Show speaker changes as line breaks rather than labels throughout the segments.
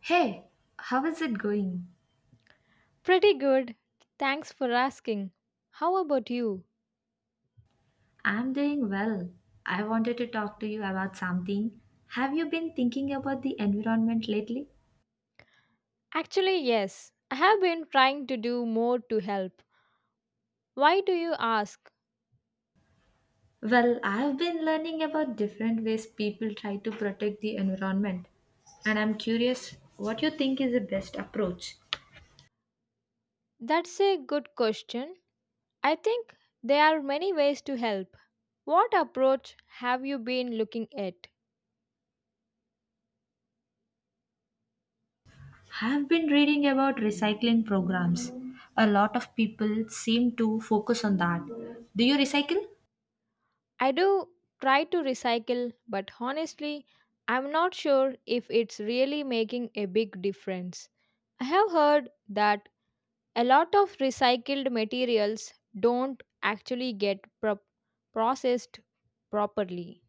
Hey, how is it going?
Pretty good. Thanks for asking. How about you?
I'm doing well. I wanted to talk to you about something. Have you been thinking about the environment lately?
Actually, yes. I have been trying to do more to help. Why do you ask?
Well, I've been learning about different ways people try to protect the environment, and I'm curious what you think is the best approach.
That's a good question. I think there are many ways to help. What approach have you been looking at?
I've been reading about recycling programs. A lot of people seem to focus on that. Do you recycle?
I do try to recycle, but honestly, I'm not sure if it's really making a big difference. I have heard that a lot of recycled materials don't actually get processed properly.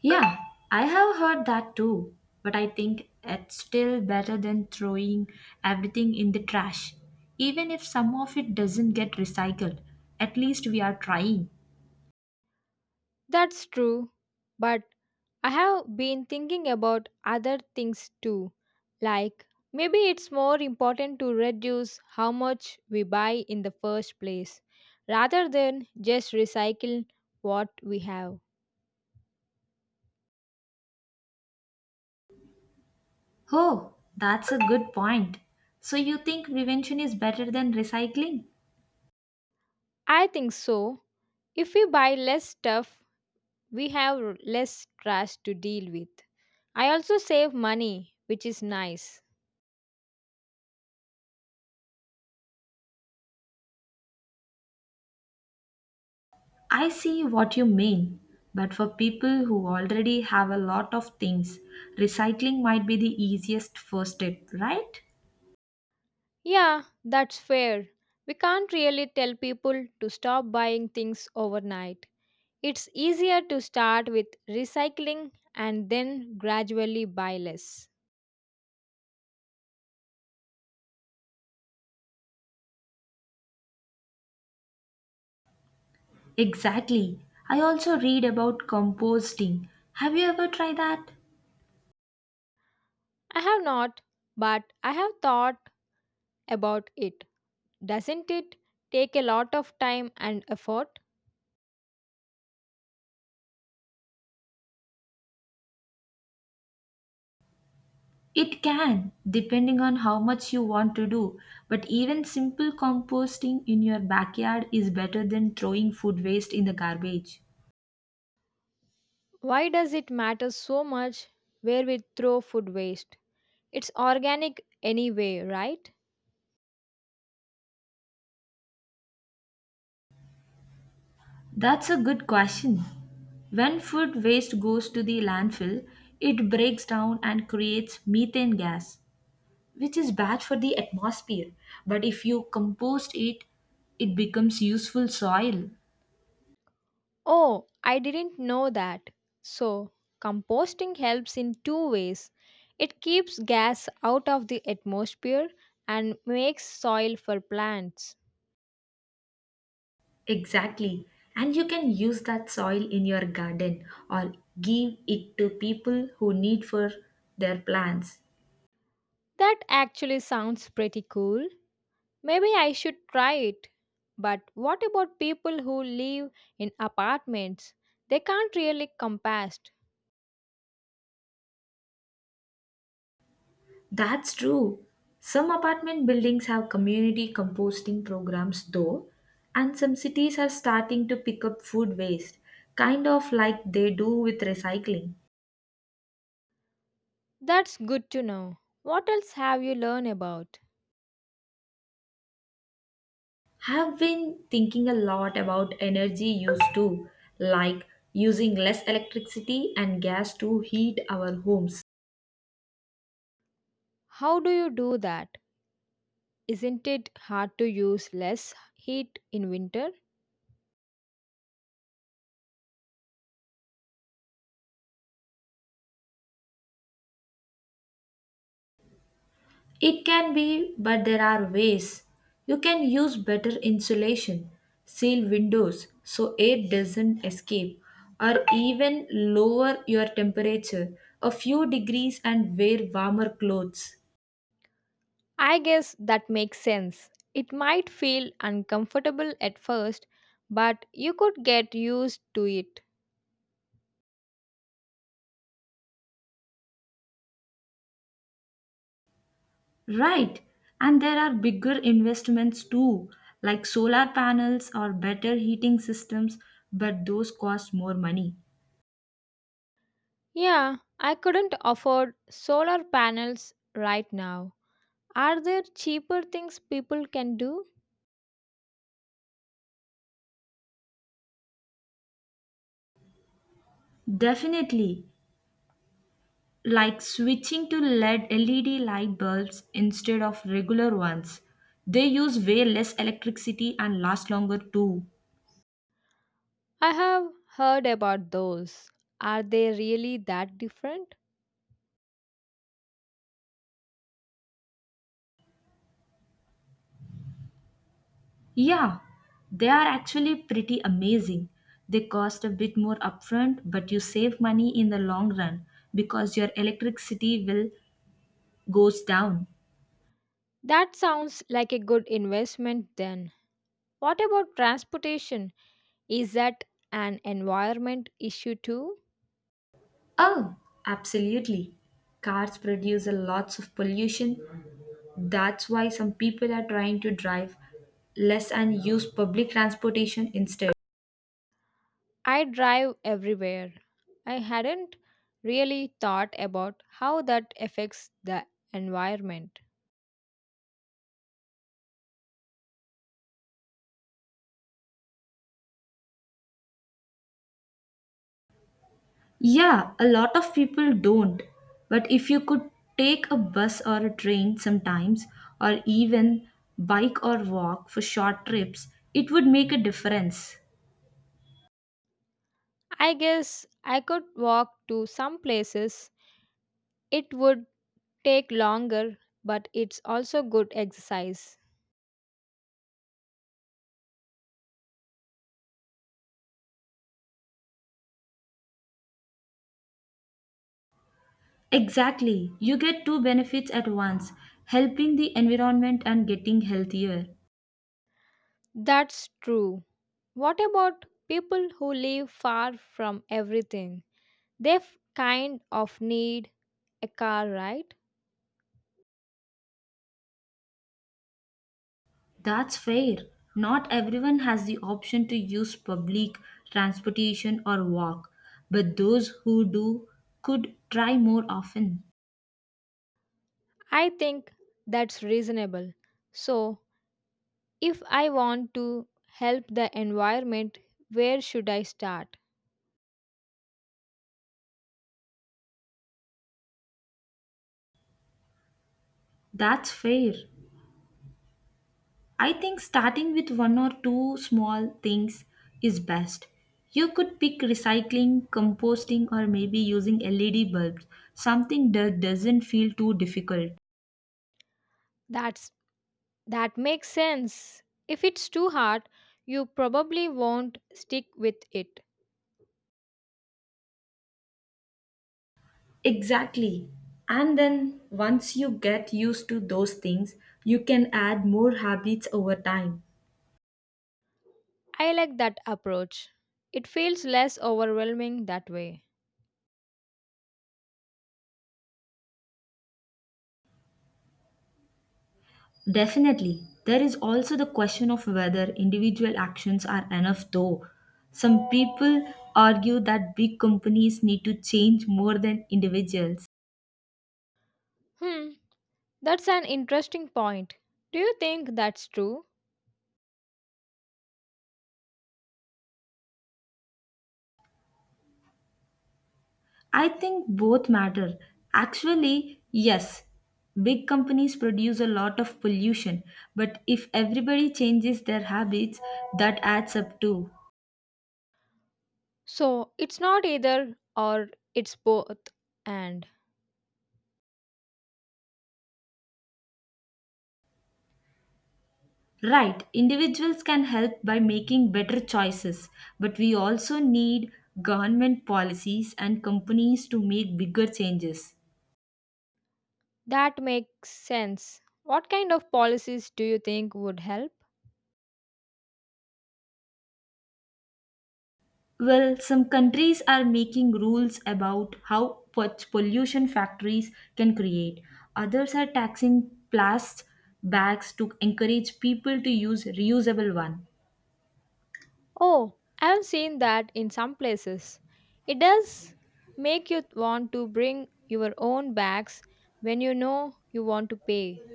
Yeah, I have heard that too, but I think it's still better than throwing everything in the trash. Even if some of it doesn't get recycled, at least we are trying.
That's true, but I have been thinking about other things too, like maybe it's more important to reduce how much we buy in the first place rather than just recycle what we have.
Oh, that's a good point. So you think prevention is better than recycling?
I think so. If we buy less stuff, we have less trash to deal with. I also save money, which is nice.
I see what you mean, but for people who already have a lot of things, recycling might be the easiest first step, right?
Yeah, that's fair. We can't really tell people to stop buying things overnight. It's easier to start with recycling and then gradually buy less.
Exactly. I also read about composting. Have you ever tried that?
I have not, but I have thought about it. Doesn't it take a lot of time and effort?
It can, depending on how much you want to do. But even simple composting in your backyard is better than throwing food waste in the garbage.
Why does it matter so much where we throw food waste? It's organic anyway, right?
That's a good question. When food waste goes to the landfill, it breaks down and creates methane gas, which is bad for the atmosphere. But if you compost it, it becomes useful soil.
Oh, I didn't know that. So, composting helps in two ways: it keeps gas out of the atmosphere and makes soil for plants.
Exactly. And you can use that soil in your garden or give it to people who need for their plants.
That actually sounds pretty cool. Maybe I should try it. But what about people who live in apartments? They can't really compost.
That's true. Some apartment buildings have community composting programs though, and some cities are starting to pick up food waste, kind of like they do with recycling.
That's good to know. What else have you learned about?
Have been thinking a lot about energy use too, like using less electricity and gas to heat our homes.
How do you do that? Isn't it hard to use less heat in winter?
It can be, but there are ways. You can use better insulation, seal windows so air doesn't escape, or even lower your temperature a few degrees and wear warmer clothes.
I guess that makes sense. It might feel uncomfortable at first, but you could get used to it.
Right, and there are bigger investments too, like solar panels or better heating systems, but those cost more money.
Yeah, I couldn't afford solar panels right now. Are there cheaper things people can do?
Definitely, like switching to LED light bulbs instead of regular ones. They use way less electricity and last longer too.
I have heard about those. Are they really that different?
Yeah, they are actually pretty amazing. They cost a bit more upfront, but you save money in the long run because your electricity bill goes down.
That sounds like a good investment then. What about transportation? Is that an environment issue too?
Oh, absolutely. Cars produce a lots of pollution. That's why some people are trying to drive less and use public transportation instead.
I drive everywhere. I hadn't really thought about how that affects the environment.
Yeah, a lot of people don't. But if you could take a bus or a train sometimes, or even bike or walk for short trips, it would make a difference.
I guess I could walk to some places. It would take longer, but it's also good exercise.
Exactly. You get two benefits at once, helping the environment and getting healthier.
That's true. What about people who live far from everything? They kind of need a car, right?
That's fair. Not everyone has the option to use public transportation or walk, but those who do could try more often.
I think that's reasonable. So, if I want to help the environment, where should I start?
That's fair. I think starting with one or two small things is best. You could pick recycling, composting, or maybe using LED bulbs, something that doesn't feel too difficult.
That's that makes sense. If it's too hard, you probably won't stick with it.
Exactly. And then once you get used to those things, you can add more habits over time.
I like that approach. It feels less overwhelming that way.
Definitely. There is also the question of whether individual actions are enough, though. Some people argue that big companies need to change more than individuals.
Hmm, that's an interesting point. Do you think that's true?
I think both matter. Actually, yes, big companies produce a lot of pollution, but if everybody changes their habits, that adds up too.
So, it's not either or, it's both and.
Right, individuals can help by making better choices, but we also need government policies and companies to make bigger changes.
That makes sense. What kind of policies do you think would help?
Well, some countries are making rules about how pollution factories can create. Others are taxing plastic bags to encourage people to use reusable one.
Oh, I have seen that in some places. It does make you want to bring your own bags when you know you want to pay.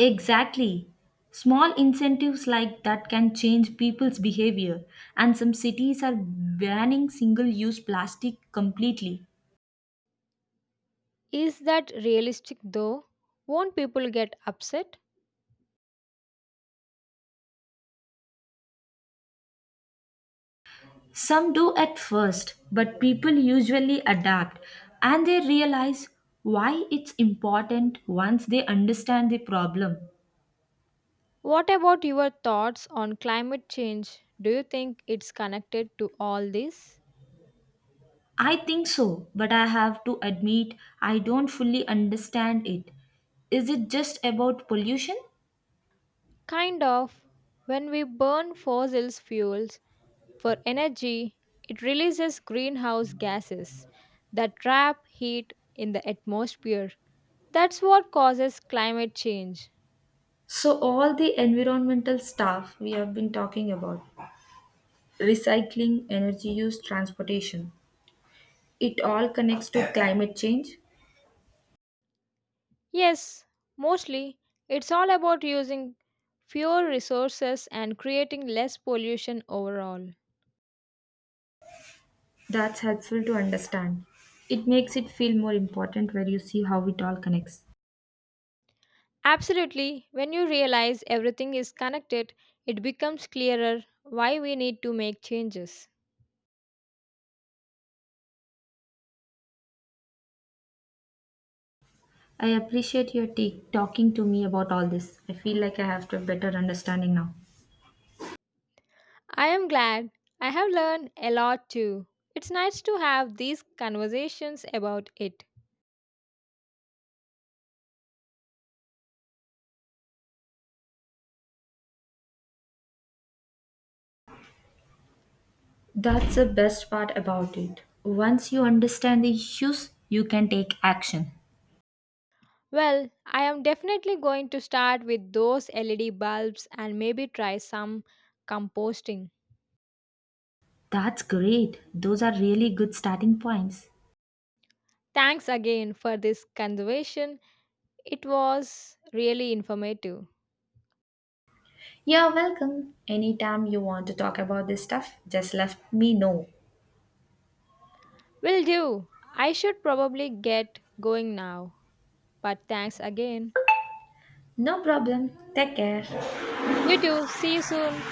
Exactly. Small incentives like that can change people's behavior and some cities are banning single-use plastic completely.
Is that realistic though? Won't people get upset?
Some do at first, but people usually adapt and they realize why it's important once they understand the problem.
What about your thoughts on climate change? Do you think it's connected to all this?
I think so, but I have to admit I don't fully understand it. Is it just about pollution?
Kind of. When we burn fossil fuels for energy, it releases greenhouse gases that trap heat in the atmosphere. That's what causes climate change.
So, all the environmental stuff we have been talking about, recycling, energy use, transportation, it all connects to climate change.
Yes, mostly it's all about using fewer resources and creating less pollution overall.
That's helpful to understand. It makes it feel more important where you see how it all connects.
Absolutely, when you realize everything is connected, it becomes clearer why we need to make changes.
I appreciate your take talking to me about all this. I feel like I have a better understanding now.
I am glad. I have learned a lot too. It's nice to have these conversations about it.
That's the best part about it. Once you understand the issues, you can take action.
Well, I am definitely going to start with those LED bulbs and maybe try some composting.
That's great. Those are really good starting points.
Thanks again for this conversation. It was really informative.
You're welcome. Anytime you want to talk about this stuff, just let me know.
Will do. I should probably get going now. But thanks again.
No problem. Take care.
You too. See you soon.